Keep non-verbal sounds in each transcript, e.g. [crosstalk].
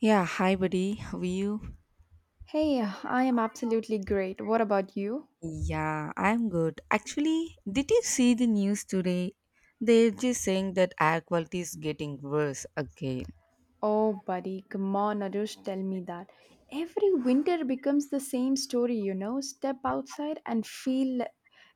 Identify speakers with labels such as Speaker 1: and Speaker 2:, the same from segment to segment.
Speaker 1: Yeah, hi buddy. How are you?
Speaker 2: Hey, I am absolutely great. What about you?
Speaker 1: Yeah, I'm good. Actually, did you see the news today? They're just saying that air quality is getting worse again.
Speaker 2: Oh, buddy, come on, Arush, tell me that. Every winter becomes the same story, you know. Step outside and feel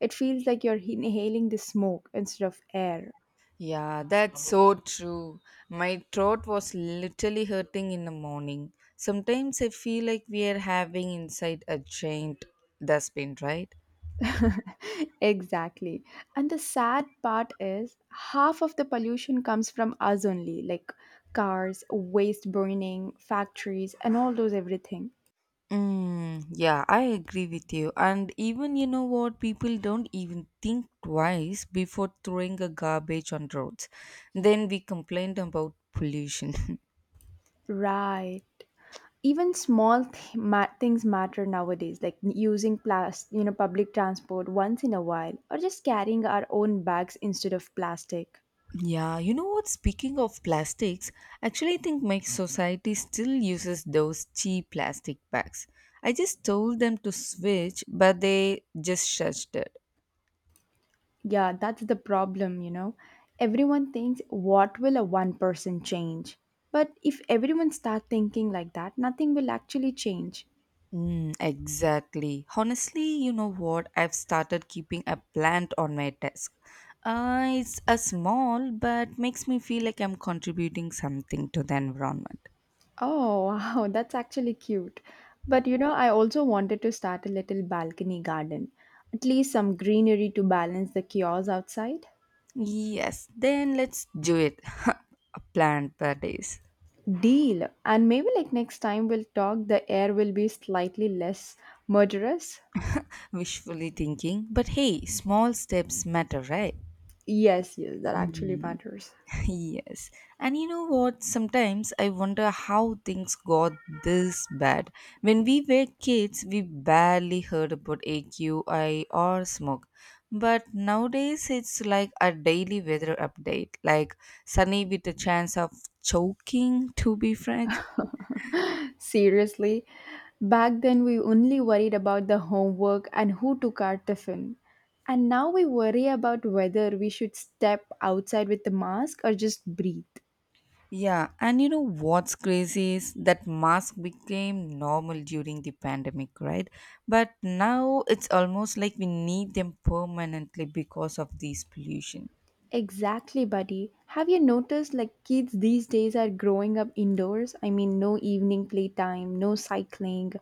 Speaker 2: it feels like you're inhaling the smoke instead of air.
Speaker 1: Yeah, that's so true. My throat was literally hurting in the morning. Sometimes I feel like we are having inside a giant dustbin, right?
Speaker 2: [laughs] exactly. And the sad part is half of the pollution comes from us only, like cars, waste burning, factories, and all those everything.
Speaker 1: Mm, yeah, I agree with you. And even you know what, people don't even think twice before throwing a garbage on roads. Then we complained about pollution. [laughs]
Speaker 2: Right. Even small things matter nowadays, like using plastic, you know, public transport once in a while, or just carrying our own bags instead of plastic.
Speaker 1: Yeah, you know what? Speaking of plastics, actually, I think my society still uses those cheap plastic bags. I just told them to switch, but they just shushed it.
Speaker 2: Yeah, that's the problem, you know. Everyone thinks, what will a one person change? But if everyone start thinking like that, nothing will actually change.
Speaker 1: Mm, exactly. Honestly, you know what? I've started keeping a plant on my desk. It's a small, but makes me feel like I'm contributing something to the environment.
Speaker 2: Oh, [laughs] wow, that's actually cute. But you know, I also wanted to start a little balcony garden, at least some greenery to balance the chaos outside.
Speaker 1: Yes, then let's do it. [laughs] A plant per days.
Speaker 2: Deal. And maybe like next time we'll talk, the air will be slightly less murderous.
Speaker 1: Wishfully thinking, but hey, small steps matter, right?
Speaker 2: Yes, yes, that actually
Speaker 1: Mm.
Speaker 2: matters.
Speaker 1: Yes. And you know what? Sometimes I wonder how things got this bad. When we were kids, we barely heard about AQI or smoke. But nowadays, it's like a daily weather update, like sunny with a chance of choking, to be frank.
Speaker 2: Seriously, back then we only worried about the homework and who took our tiffin. And now we worry about whether we should step outside with the mask or just breathe.
Speaker 1: Yeah, and you know what's crazy is that mask became normal during the pandemic, right? But now it's almost like we need them permanently because of this pollution.
Speaker 2: Exactly, buddy. Have you noticed like kids these days are growing up indoors? I mean, no evening playtime, no cycling,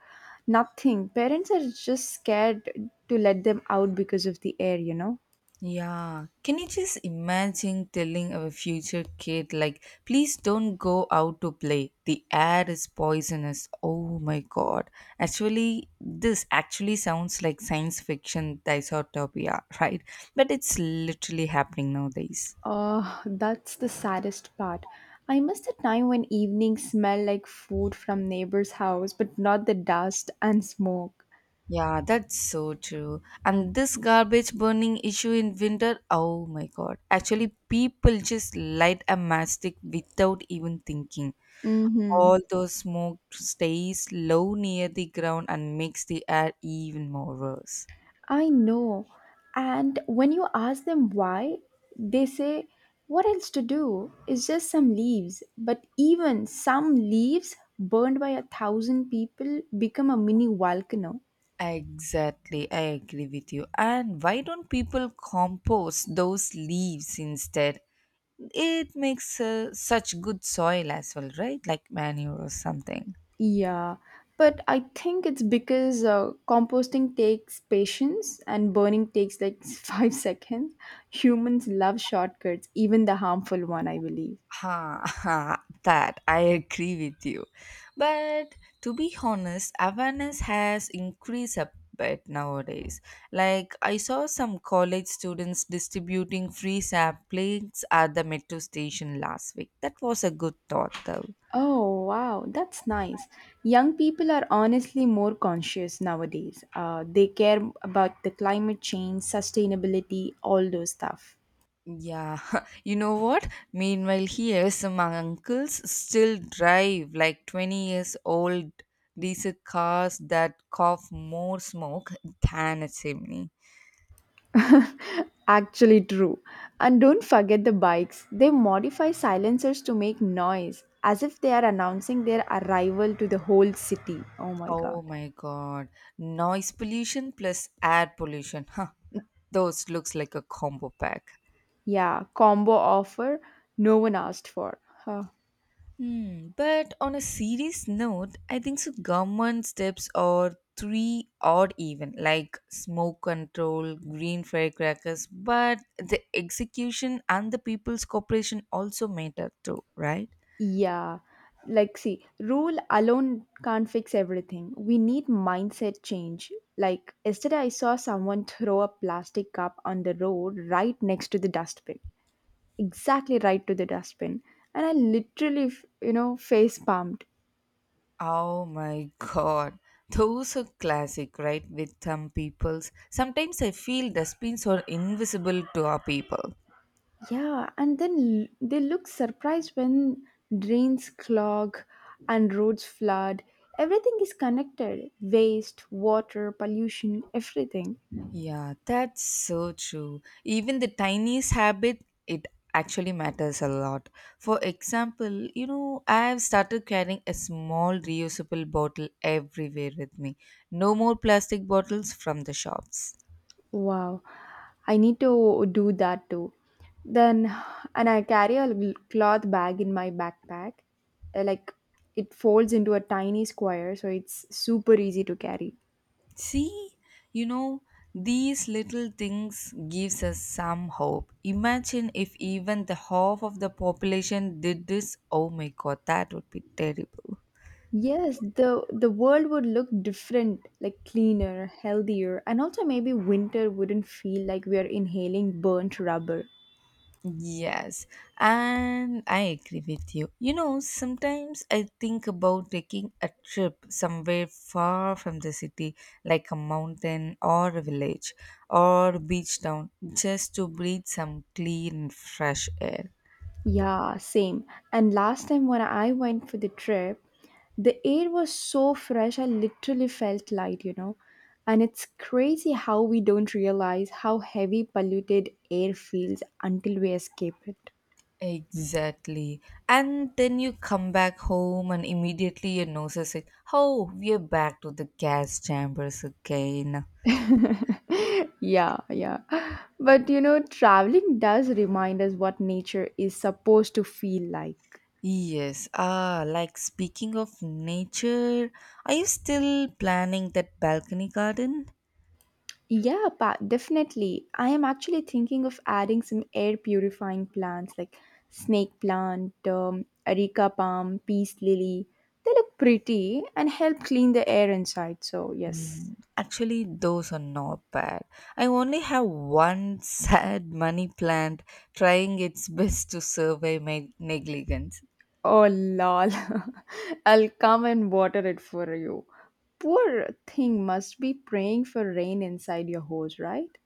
Speaker 2: nothing. Parents are just scared to let them out because of the air, you know?
Speaker 1: Yeah, can you just imagine telling our future kid, like, please don't go out to play? The air is poisonous. Oh my god. Actually, this actually sounds like science fiction dystopia, [laughs] right? But it's literally happening nowadays.
Speaker 2: Oh, that's the saddest part. I miss the time when evenings smell like food from neighbor's house, but not the dust and smoke.
Speaker 1: Yeah, that's so true. And this garbage burning issue in winter, oh my god. Actually, people just light a matchstick without even thinking.
Speaker 2: Mm-hmm.
Speaker 1: All those smoke stays low near the ground and makes the air even more worse.
Speaker 2: I know. And when you ask them why, they say, "What else to do? It's just some leaves." But even some leaves burned by a thousand people become a mini volcano.
Speaker 1: Exactly, I agree with you. And why don't people compost those leaves instead? It makes such good soil as well, right? Like manure or something.
Speaker 2: Yeah. But I think it's because composting takes patience and burning takes like [laughs] 5 seconds. Humans love shortcuts, even the harmful one, I believe.
Speaker 1: Ha, ha, [laughs] that I agree with you. But to be honest, awareness has increased a bit nowadays. Like I saw some college students distributing free plates at the metro station last week. That was a good thought though.
Speaker 2: Oh, wow, that's nice. Young people are honestly more conscious nowadays. They care about the climate change, sustainability, all those stuff.
Speaker 1: Yeah, [laughs] you know what? Meanwhile, here some uncles still drive like 20 years old diesel cars that cough more smoke than a chimney.
Speaker 2: [laughs] Actually, true. And don't forget the bikes. They modify silencers to make noise, as if they are announcing their arrival to the whole city. Oh my
Speaker 1: Oh
Speaker 2: god.
Speaker 1: my god. Noise pollution plus air pollution. Huh. Those looks like a combo pack.
Speaker 2: Yeah, combo offer no one asked for. [laughs]
Speaker 1: Hmm. But on a serious note, I think so government steps are three odd even, like smoke control, green firecrackers, but the execution and the people's cooperation also matter too, right?
Speaker 2: Yeah. Like, see, rule alone can't fix everything. We need mindset change. Like, yesterday I saw someone throw a plastic cup on the road right next to the dustbin. Exactly right to the dustbin. And I literally, you know, face pumped.
Speaker 1: Oh my god. Those are classic, right? With some peoples. Sometimes I feel dustbins are invisible to our people.
Speaker 2: Yeah. And then they look surprised when drains clog and roads flood. Everything is connected, waste, water, pollution, everything.
Speaker 1: Yeah, that's so true. Even the tiniest habit, it actually matters a lot. For example, you know, I have started carrying a small reusable bottle everywhere with me. No more plastic bottles from the shops.
Speaker 2: Wow, I need to do that too. Then, and I carry a cloth bag in my backpack. Like it folds into a tiny square, so it's super easy to carry.
Speaker 1: See, you know, these little things gives us some hope. Imagine if even the half of the population did this. Oh my god, that would be terrible.
Speaker 2: Yes, the world would look different, like cleaner, healthier, and also maybe winter wouldn't feel like we are inhaling burnt rubber.
Speaker 1: Yes, and I agree with you. You know, sometimes I think about taking a trip somewhere far from the city, like a mountain or a village or a beach town, just to breathe some clean, fresh air.
Speaker 2: Yeah, same. And last time when I went for the trip, the air was so fresh, I literally felt light, you know. And it's crazy how we don't realize how heavy polluted air feels until we escape it.
Speaker 1: Exactly. And then you come back home and immediately your nose is like, oh, we're back to the gas chambers again.
Speaker 2: [laughs] yeah, yeah. But you know, traveling does remind us what nature is supposed to feel like.
Speaker 1: Yes, ah, like speaking of nature, are you still planning that balcony garden?
Speaker 2: Yeah, definitely. I am actually thinking of adding some air purifying plants like snake plant, areca palm, peace lily. They look pretty and help clean the air inside. So, yes.
Speaker 1: Mm, actually, those are not bad. I only have one [laughs] sad money plant trying its best to survey my negligence.
Speaker 2: Oh, lol. [laughs] I'll come and water it for you. Poor thing must be praying for rain inside your hose, right?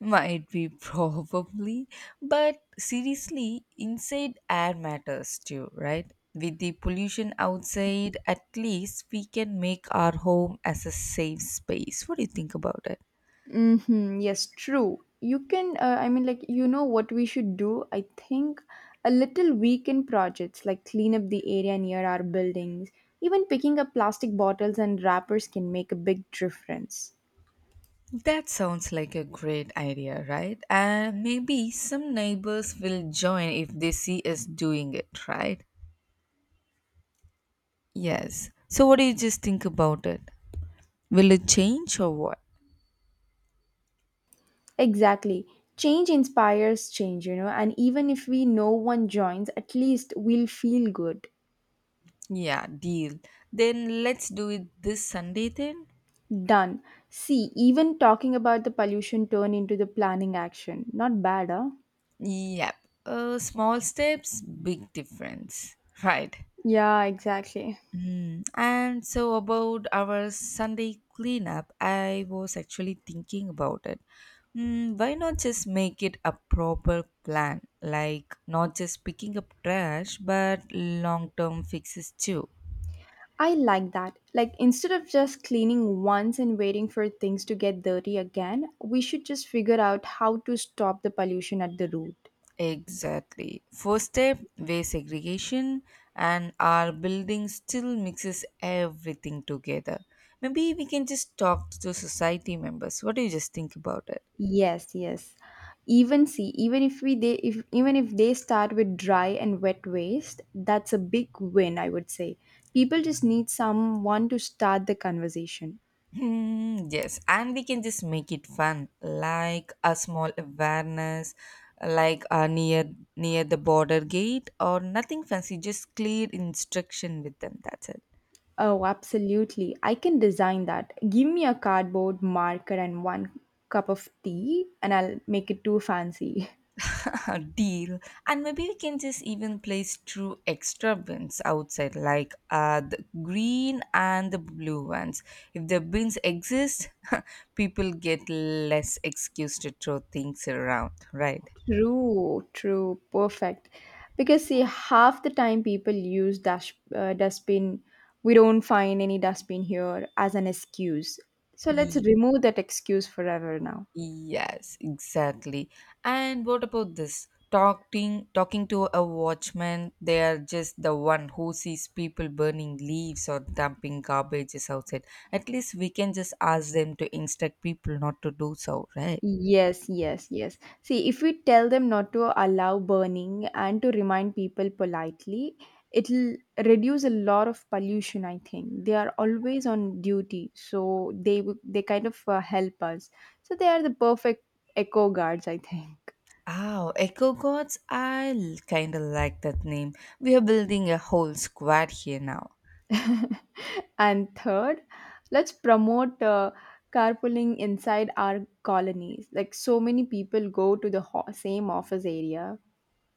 Speaker 1: Might be [laughs] probably, but seriously, inside air matters too, right? With the pollution outside, at least we can make our home as a safe space. What do you think about it?
Speaker 2: Mm-hmm. Yes, true. You can, I mean, like, you know what we should do? I think a little weekend projects like clean up the area near our buildings, even picking up plastic bottles and wrappers can make a big difference.
Speaker 1: That sounds like a great idea, right? And maybe some neighbors will join if they see us doing it, right? Yes. So, what do you just think about it? Will it change or what?
Speaker 2: Exactly. Change inspires change, you know, and even if we no one joins, at least we'll feel good.
Speaker 1: Yeah, deal. Then let's do it this Sunday then.
Speaker 2: Done. See, even talking about the pollution turned into the planning action. Not bad, huh?
Speaker 1: Yep. Small steps, big difference. Right.
Speaker 2: Yeah, exactly.
Speaker 1: Mm. And so, about our Sunday cleanup, I was actually thinking about it. Mm, why not just make it a proper plan? Like, not just picking up trash, but long term fixes too.
Speaker 2: I like that. Like, instead of just cleaning once and waiting for things to get dirty again, we should just figure out how to stop the pollution at the root.
Speaker 1: Exactly. First step, waste segregation, and our building still mixes everything together. Maybe we can just talk to society members. What do you just think about it?
Speaker 2: Yes, yes. Even see, even if they start with dry and wet waste, that's a big win, I would say. People just need someone to start the conversation.
Speaker 1: Hmm, yes, and we can just make it fun, like a small awareness, like near the border gate or nothing fancy, just clear instruction with them. That's it.
Speaker 2: Oh, absolutely. I can design that. Give me a cardboard marker and one cup of tea and I'll make it too fancy. [laughs]
Speaker 1: [laughs] Deal, and maybe we can just even place two extra bins outside like the green and the blue ones if the bins exist. [laughs] People get less excuse to throw things around, right?
Speaker 2: True, true, perfect. Because see, half the time people use dash dustbin. We don't find any dustbin here as an excuse. So let's remove that excuse forever now.
Speaker 1: Yes, exactly. And what about this? Talking to a watchman, they are just the one who sees people burning leaves or dumping garbages outside. At least we can just ask them to instruct people not to do so, right?
Speaker 2: Yes, yes, yes. See, if we tell them not to allow burning and to remind people politely, it'll reduce a lot of pollution, I think. They are always on duty, so they kind of help us. So they are the perfect eco guards, I think.
Speaker 1: Oh, Echo Gods, I kind of like that name. We are building a whole squad here now.
Speaker 2: [laughs] And third, let's promote carpooling inside our colonies. Like so many people go to the same office area.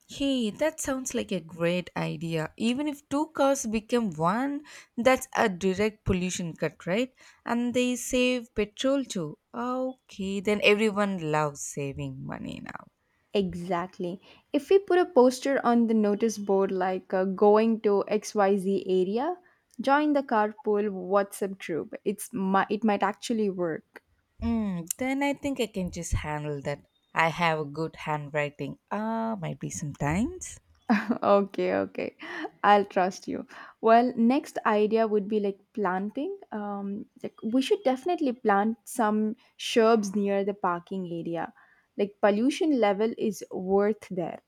Speaker 1: Hey, that sounds like a great idea. Even if two cars become one, that's a direct pollution cut, right? And they save petrol too. Okay, then everyone loves saving money now.
Speaker 2: Exactly. If we put a poster on the notice board like going to XYZ area, join the carpool WhatsApp group. It's it might actually work.
Speaker 1: Mm, then I think I can just handle that. I have a good handwriting. Ah, might be sometimes.
Speaker 2: Okay, okay, I'll trust you. Well, next idea would be like planting, like we should definitely plant some shrubs near the parking area, like pollution level is worth there.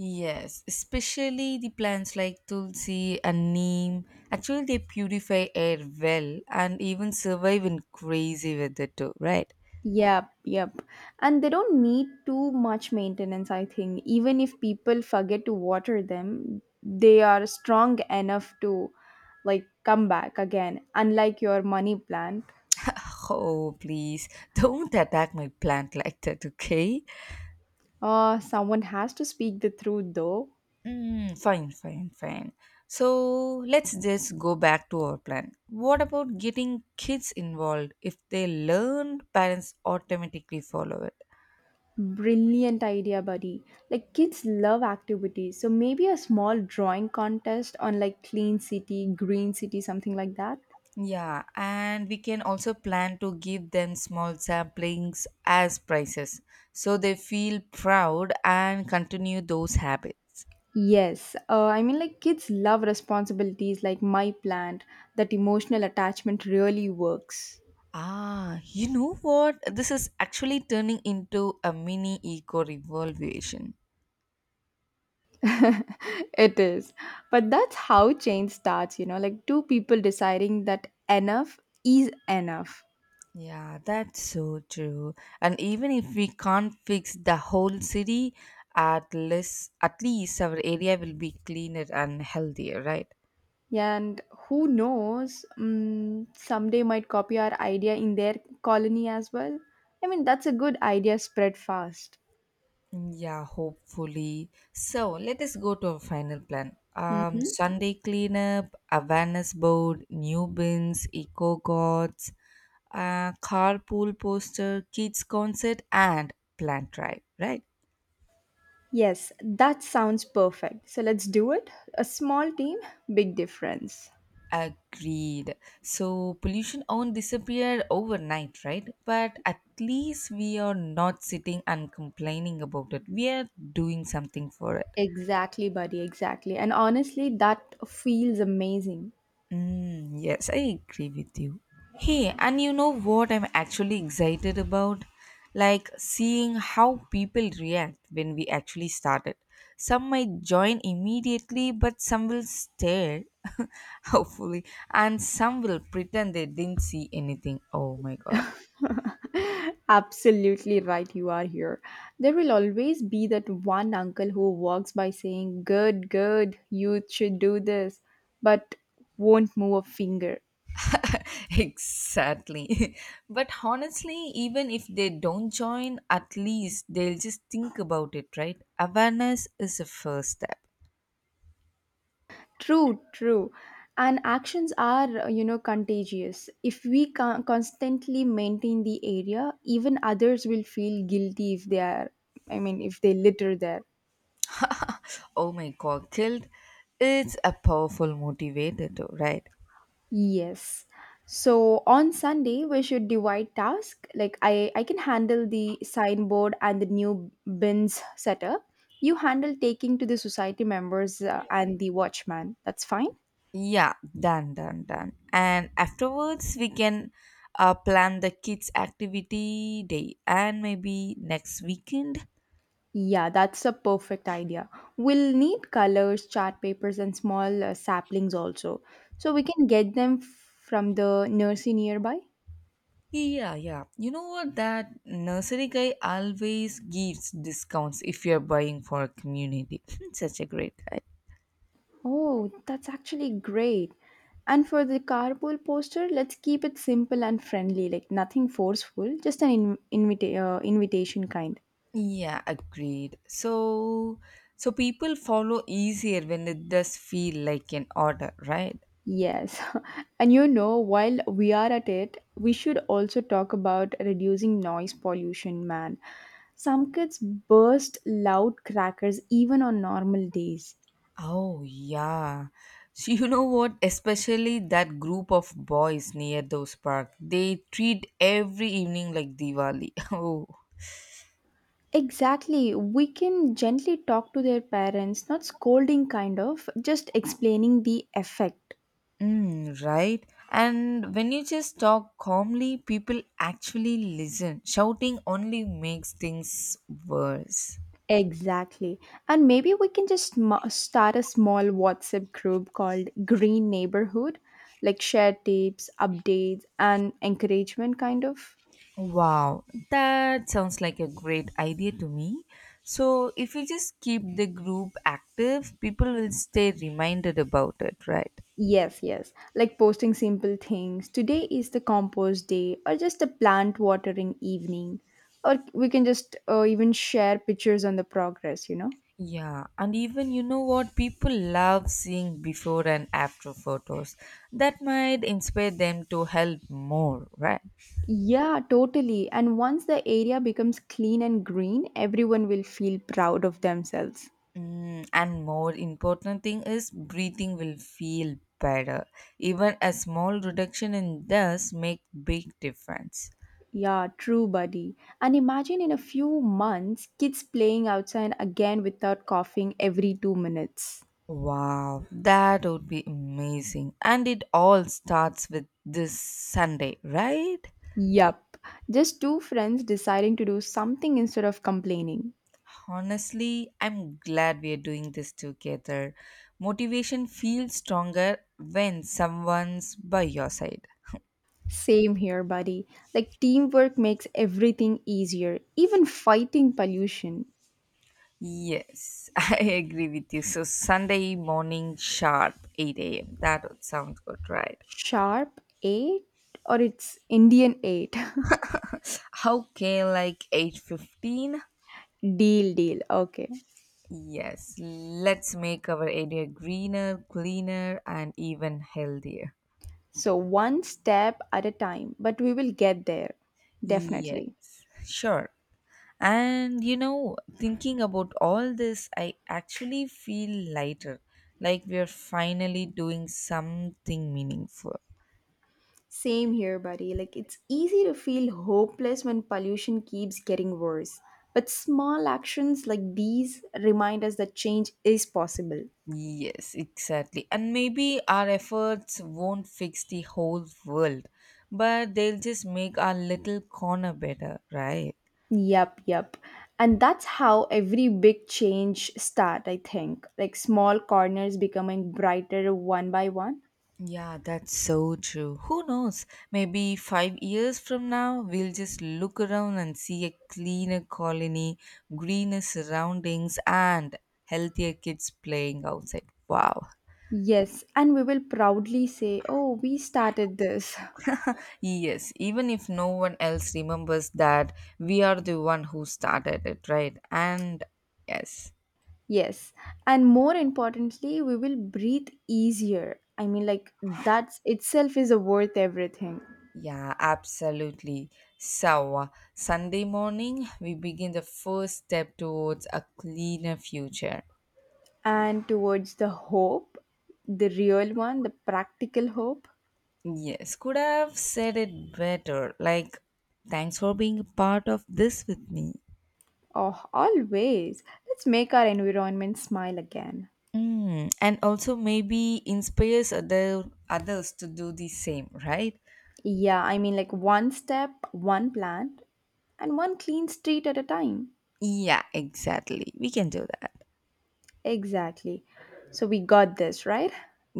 Speaker 1: Yes, especially the plants like tulsi and neem. Actually, they purify air well and even survive in crazy weather too, right?
Speaker 2: Yep, yep. And they don't need too much maintenance, I think. Even if people forget to water them, they are strong enough to like come back again, unlike your money plant.
Speaker 1: Oh, please [laughs] don't attack my plant like that, okay?
Speaker 2: Someone has to speak the truth though.
Speaker 1: Mm, fine, fine, fine. So let's just go back to our plan. What about getting kids involved? If they learn, parents automatically follow it.
Speaker 2: Brilliant idea, buddy. Like kids love activities. So maybe a small drawing contest on like clean city, green city, something like that.
Speaker 1: Yeah, and we can also plan to give them small samplings as prizes so they feel proud and continue those habits.
Speaker 2: Yes. I mean, like kids love responsibilities like my plant. That emotional attachment really works.
Speaker 1: Ah, you know what? This is actually turning into a mini eco revolution.
Speaker 2: [laughs] it is. But that's how change starts, you know, like two people deciding that enough is enough.
Speaker 1: Yeah, that's so true. And even if we can't fix the whole city, at least our area will be cleaner and healthier, right?
Speaker 2: And who knows, someday might copy our idea in their colony as well. I mean, that's a good idea spread fast.
Speaker 1: Yeah, hopefully. So let us go to our final plan.
Speaker 2: Mm-hmm.
Speaker 1: Sunday cleanup, awareness board, new bins, eco gods, carpool poster, kids concert, and plant drive. Right?
Speaker 2: Yes, that sounds perfect. So let's do it. A small team, big difference.
Speaker 1: Agreed. So pollution won't disappear overnight, right? But at least we are not sitting and complaining about it. We are doing something for it.
Speaker 2: Exactly, buddy, exactly. And honestly, that feels amazing.
Speaker 1: Mm, yes, I agree with you. Hey, and you know what I'm actually excited about? Like seeing how people react when we actually started. Some might join immediately, but some will stare, [laughs] hopefully, and some will pretend they didn't see anything. Oh my god.
Speaker 2: [laughs] Absolutely right, you are here. There will always be that one uncle who walks by saying, "Good, good, you should do this," but won't move a finger.
Speaker 1: [laughs] Exactly. [laughs] But honestly, even if they don't join, at least they'll just think about it, right? Awareness is the first step.
Speaker 2: True, true. And actions are, you know, contagious. If we constantly maintain the area, even others will feel guilty if they are, I mean, if they litter there.
Speaker 1: Oh my god, killed. It's a powerful motivator too, right?
Speaker 2: Yes. So on Sunday we should divide task. Like I can handle the signboard and the new bins setup. You handle taking to the society members and the watchman. That's fine.
Speaker 1: Yeah, done, done, done. And afterwards, we can plan the kids' activity day and maybe next weekend.
Speaker 2: Yeah, that's a perfect idea. We'll need colors, chart papers, and small saplings also, so we can get them from the nursery nearby.
Speaker 1: Yeah, yeah. You know what? That nursery guy always gives discounts if you're buying for a community. [laughs] Such a great guy.
Speaker 2: Oh, that's actually great. And for the carpool poster, let's keep it simple and friendly, like nothing forceful, just an invitation kind.
Speaker 1: Yeah, agreed. So, so people follow easier when it does feel like an order, right?
Speaker 2: Yes. [laughs] and you know, while we are at it, we should also talk about reducing noise pollution, man. Some kids burst loud crackers even on normal days.
Speaker 1: Oh, yeah. So you know what? Especially that group of boys near those parks. They treat every evening like Diwali. [laughs] Oh.
Speaker 2: Exactly. We can gently talk to their parents, not scolding, kind of, just explaining the effect.
Speaker 1: Mm, right? And when you just talk calmly, people actually listen. Shouting only makes things worse.
Speaker 2: Exactly. And maybe we can just start a small WhatsApp group called Green Neighborhood, like share tips, updates, and encouragement, kind of.
Speaker 1: Wow, that sounds like a great idea to me. So, if you just keep the group active, people will stay reminded about it, right?
Speaker 2: Yes, yes. Like posting simple things. Today is the compost day, or just a plant watering evening. Or we can just even share pictures on the progress, you know?
Speaker 1: Yeah, and even you know what? People love seeing before and after photos that might inspire them to help more, right?
Speaker 2: Yeah, totally. And once the area becomes clean and green, everyone will feel proud of themselves.
Speaker 1: Mm, and more important thing is breathing will feel better. Even a small reduction in dust make big difference.
Speaker 2: Yeah, true, buddy. And imagine in a few months, kids playing outside again without coughing every 2 minutes.
Speaker 1: Wow, that would be amazing. And it all starts with this Sunday, right?
Speaker 2: Yup. Just two friends deciding to do something instead of complaining.
Speaker 1: Honestly, I'm glad we're doing this together. Motivation feels stronger when someone's by your side.
Speaker 2: Same here, buddy. Like, teamwork makes everything easier, even fighting pollution.
Speaker 1: Yes, [laughs] I agree with you. So Sunday morning sharp 8 a.m. That would sound good, right?
Speaker 2: Sharp 8, or it's Indian 8?
Speaker 1: Okay, like 8:15.
Speaker 2: [laughs] deal, deal. Okay.
Speaker 1: Yes, let's make our area greener, cleaner, and even healthier.
Speaker 2: So, one step at a time, but we will get there. Definitely.
Speaker 1: Yes, sure. And you know, thinking about all this, I actually feel lighter, like we are finally doing something meaningful.
Speaker 2: Same here, buddy. Like, it's easy to feel hopeless when pollution keeps getting worse. But small actions like these remind us that change is possible.
Speaker 1: Yes, exactly. And maybe our efforts won't fix the whole world, but they'll just make our little corner better, right?
Speaker 2: Yup, yup. And that's how every big change start, I think. Like small corners becoming brighter one by one.
Speaker 1: Yeah, that's so true. Who knows? Maybe 5 years from now, we'll just look around and see a cleaner colony, greener surroundings, and healthier kids playing outside. Wow.
Speaker 2: Yes, and we will proudly say, "Oh, we started this." [laughs]
Speaker 1: [laughs] Yes, even if no one else remembers that, we are the one who started it, right? And yes.
Speaker 2: Yes. And more importantly, we will breathe easier. I mean like that's itself is worth everything.
Speaker 1: Yeah, absolutely. So, Sunday morning, we begin the first step towards a cleaner future.
Speaker 2: And towards the hope, the real one, the practical hope.
Speaker 1: Yes, could have said it better. Like, thanks for being a part of this with me.
Speaker 2: Oh, always. Let's make our environment smile again.
Speaker 1: Mm, and also maybe inspires others to do the same, right?
Speaker 2: Yeah, I mean, like one step, one plant, and one clean street at a time.
Speaker 1: Yeah, exactly. We can do that.
Speaker 2: Exactly. So we got this, right?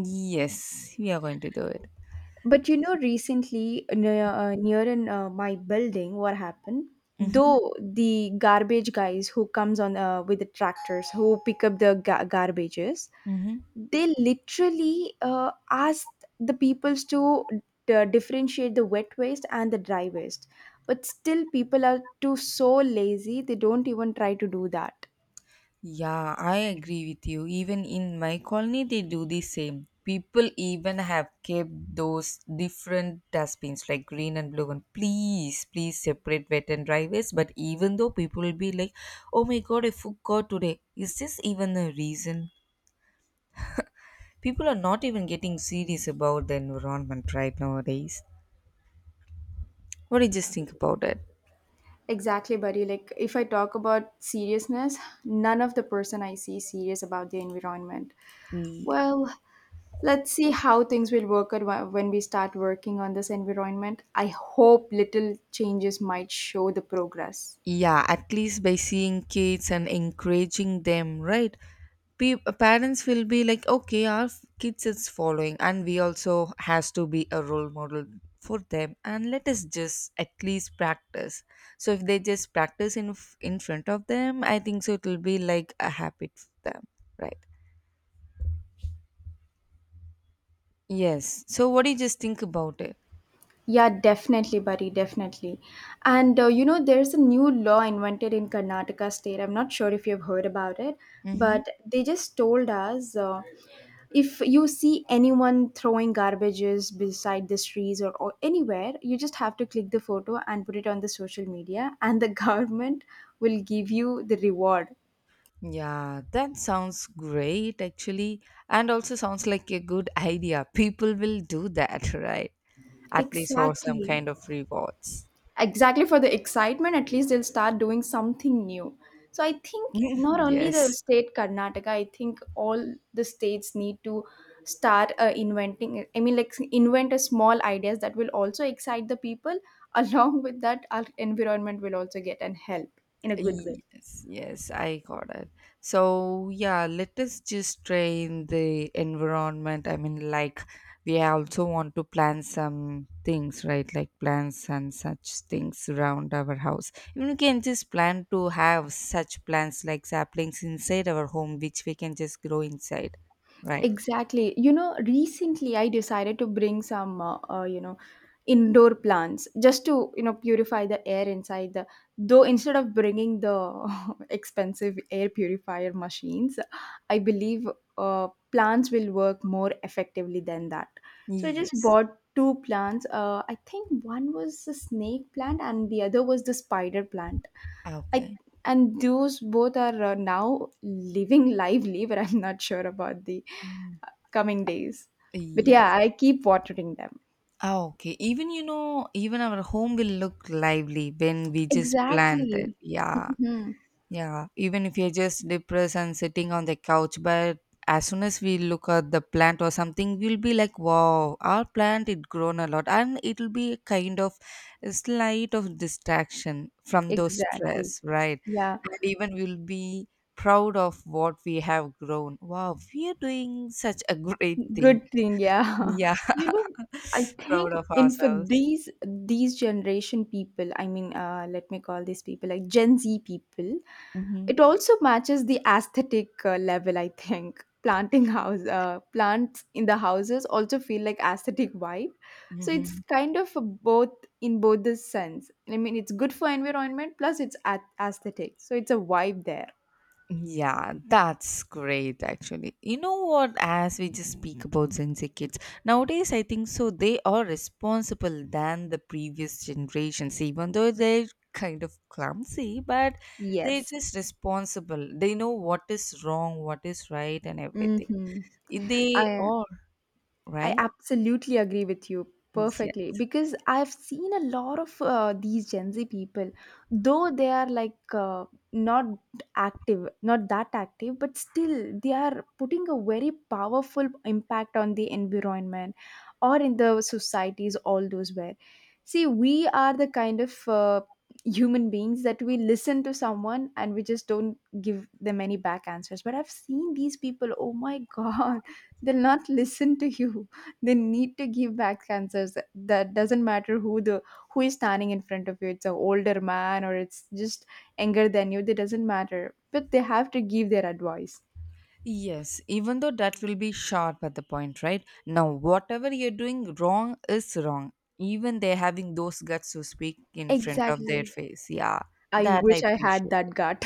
Speaker 1: Yes, we are going to do it.
Speaker 2: But you know, recently near, near in my building, what happened?
Speaker 1: Mm-hmm.
Speaker 2: Though the garbage guys who comes on with the tractors who pick up the garbages,
Speaker 1: Mm-hmm.
Speaker 2: they literally asked the peoples to differentiate the wet waste and the dry waste, but still people are too so lazy, they don't even try to do that.
Speaker 1: Yeah, I agree with you. Even in my colony, they do the same. People even have kept those different dustbins like green and blue one. Please separate wet and dry waste. But even though people will be like, oh my god, I forgot today. Is this even a reason? People are not even getting serious about the environment right nowadays. What do you just think about
Speaker 2: Exactly, buddy. Like, if I talk about seriousness, none of the person I see serious about the environment.
Speaker 1: it?
Speaker 2: Well, let's see how things will work out when we start working on this environment. I hope little changes might show the progress.
Speaker 1: Yeah, at least by seeing kids and encouraging them, right? Parents will be like, okay, our kids is following and we also has to be a role model for them, and let us just at least practice. So if they just practice in in front of them, I think so it will be like a habit for them, right? Yes, so what do you just think about it?
Speaker 2: Yeah, definitely, buddy, definitely. And you know, there's a new law invented in Karnataka state. I'm not sure if you've heard about it,
Speaker 1: Mm-hmm.
Speaker 2: but they just told us if you see anyone throwing garbages beside the trees or anywhere, you just have to click the photo and put it on the social media, and the [laughs] government will give you the reward.
Speaker 1: Yeah, that sounds great actually, and also sounds like a good [laughs] idea. People will do that, [laughs] right? At least for some
Speaker 2: Exactly.
Speaker 1: kind of rewards.
Speaker 2: Exactly, for the excitement, at least they'll start doing something new. So I think
Speaker 1: [laughs]
Speaker 2: not only the
Speaker 1: Yes.
Speaker 2: state Karnataka, I think all the states need to start inventing, I mean, like invent a small ideas that will also excite the people [laughs] along with that our environment will also get and help in a good way.
Speaker 1: Yes, yes, I got it. So, yeah, let us just train the environment. I mean, like, we also want to plant some things, right? Like plants and such things around our house. Even we can just plan to have such plants like saplings inside our home, which we can just grow inside, right?
Speaker 2: Exactly. You know, recently I decided to bring some, you know, indoor plants just to, you know, purify the air inside the. Though instead of bringing the [laughs] expensive air purifier machines, I believe plants will work more effectively than that. So I just
Speaker 1: Yes.
Speaker 2: bought two plants. I think one was the snake plant and the other was the spider plant. I
Speaker 1: Okay.
Speaker 2: And those both are now living lively, but I'm not sure about the
Speaker 1: Mm.
Speaker 2: coming days, but
Speaker 1: Yes.
Speaker 2: yeah, I keep watering them.
Speaker 1: Ah, okay. Even, you know, even our home will look lively when we just plant it.
Speaker 2: Exactly.
Speaker 1: Yeah.
Speaker 2: Hmm.
Speaker 1: Yeah, even if you're just depressed and sitting on the couch, but as soon as we look at the plant or something, we'll be like, "Wow, our plant it grown a lot," and it'll be a kind of a slight of distraction from those
Speaker 2: Exactly.
Speaker 1: stress, right?
Speaker 2: Yeah.
Speaker 1: And even we'll be proud of what we have grown. Wow, we are doing such a [laughs] great thing.
Speaker 2: Good thing, yeah.
Speaker 1: Yeah,
Speaker 2: [laughs] You know, I
Speaker 1: [laughs]
Speaker 2: think
Speaker 1: proud of
Speaker 2: in for
Speaker 1: ourselves.
Speaker 2: these generation people, I mean, let me call these people like Gen Z people,
Speaker 1: Hmm.
Speaker 2: it also matches the aesthetic level. I think planting house plants in the houses also feel like aesthetic vibe. So it's
Speaker 1: Hmm.
Speaker 2: kind of a both in both the sense. I mean, it's good for environment plus it's aesthetic. So it's a vibe there.
Speaker 1: Yeah, that's great actually. You know what, as we just speak about Gen Z kids, nowadays I think so they are responsible than the previous generations, even though they're kind of clumsy, but they're
Speaker 2: Yes.
Speaker 1: just responsible. They know what is wrong, what is right and everything.
Speaker 2: Mm-hmm.
Speaker 1: They
Speaker 2: I
Speaker 1: are,
Speaker 2: I
Speaker 1: right?
Speaker 2: absolutely agree with you
Speaker 1: Yeah.
Speaker 2: perfectly because I've seen a lot of these Gen Z people, though they are like not active, not that active, but still they are putting a very powerful impact on the environment or in the societies, all those where. See, we are the kind of human beings that we listen to someone and we just don't give them any back answers. But I've seen these people, oh my God, [laughs] they'll not listen to you, they need to give back answers, that doesn't matter who the who is standing in front of you, it's an older man or it's just younger than you, that doesn't matter, but they have to give their advice.
Speaker 1: Yes, even though that will be sharp at the point, right? Now, whatever you're doing wrong is wrong. Even they're having those guts to speak in front of
Speaker 2: Exactly.
Speaker 1: their face. Yeah,
Speaker 2: I
Speaker 1: that I
Speaker 2: wish I had
Speaker 1: appreciate.
Speaker 2: that gut.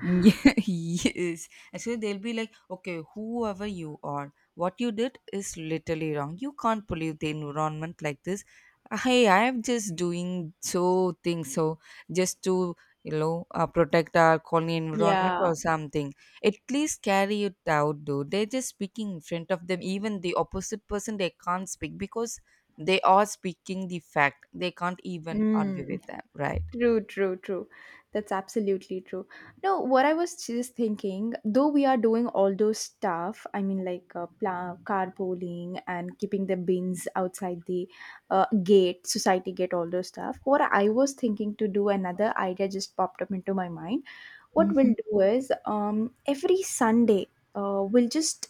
Speaker 1: Yeah, [laughs] yes. Actually, they'll be like, okay, whoever you are, what you did is literally wrong. You can't pollute the environment like this. Hey, I'm just doing so things so just to you know protect our colony
Speaker 2: [laughs]
Speaker 1: environment
Speaker 2: Yeah.
Speaker 1: or something. At least carry it out, though. They're just speaking in front of them. Even the opposite person, they can't speak because they are speaking the fact. They can't even argue
Speaker 2: Mm.
Speaker 1: with them, right?
Speaker 2: True, true, true. That's absolutely true. No, what I was just thinking, though we are doing all those stuff, I mean, like carpooling and keeping the bins outside the gate, society gate, all those stuff. What I was thinking to do, another idea just popped up into my mind. What we'll do is every Sunday, we'll just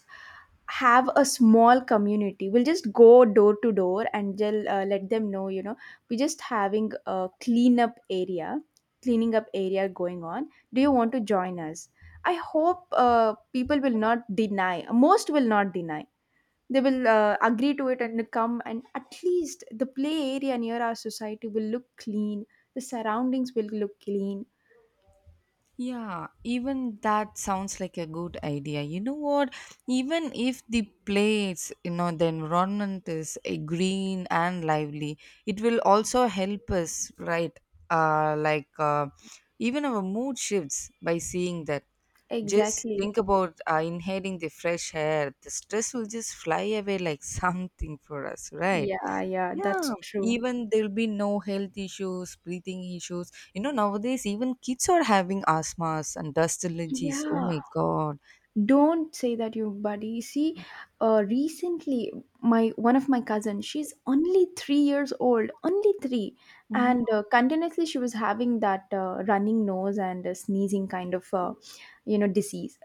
Speaker 2: have a small community, we'll just go door to door and just let them know, you know, we're just having a cleanup area, cleaning up area going on, do you want to join us? I hope people will not deny, most will not deny, they will agree to it and come, and at least the play area near our society will look clean, the surroundings will look clean.
Speaker 1: Yeah, even that sounds like a good idea. You know what? Even if the place, you know, the environment is green and lively, it will also help us, right? Like even our mood shifts by seeing that. Just
Speaker 2: Exactly.
Speaker 1: think about inhaling the fresh air. The stress will just fly away like [laughs] something for us, right?
Speaker 2: Yeah, yeah,
Speaker 1: Yeah,
Speaker 2: that's true.
Speaker 1: even there'll be no health issues, breathing issues. You know, nowadays even kids are having asthmas and dust allergies. Oh
Speaker 2: Yeah,
Speaker 1: my god.
Speaker 2: don't say that, your buddy, see, recently my one of my cousins, she's only 3 years old, only 3,
Speaker 1: Mm-hmm.
Speaker 2: and continuously she was having that running nose and sneezing kind of you know disease.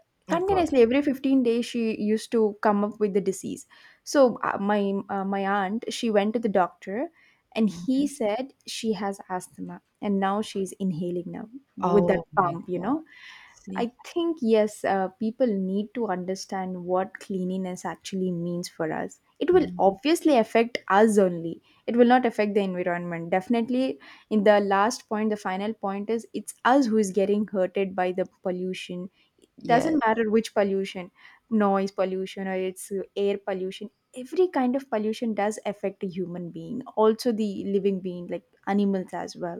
Speaker 1: God.
Speaker 2: Continuously every 15 days she used to come up with the disease. So my aunt, she went to the doctor and
Speaker 1: Mhm.
Speaker 2: he said she has asthma, and now she's inhaling now with that
Speaker 1: Oh my
Speaker 2: pump, you
Speaker 1: god.
Speaker 2: know.
Speaker 1: See?
Speaker 2: I think, yes, people need to understand what cleanliness actually means for us. It will
Speaker 1: Mhm.
Speaker 2: obviously affect us only. It will not affect the environment. Definitely, in the last point, the final point is it's us who is getting hurted by the pollution. It
Speaker 1: Yes.
Speaker 2: doesn't matter which pollution, noise pollution or it's air pollution. Every kind of pollution does affect a human being, also the living being, like animals as well.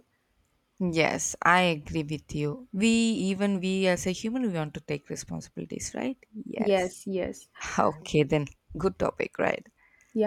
Speaker 1: Yes, I agree with you. We even we as a human we want to take responsibilities, right? Yes.
Speaker 2: Yes, yes.
Speaker 1: [laughs] Okay then. Good topic, right?
Speaker 2: Yeah.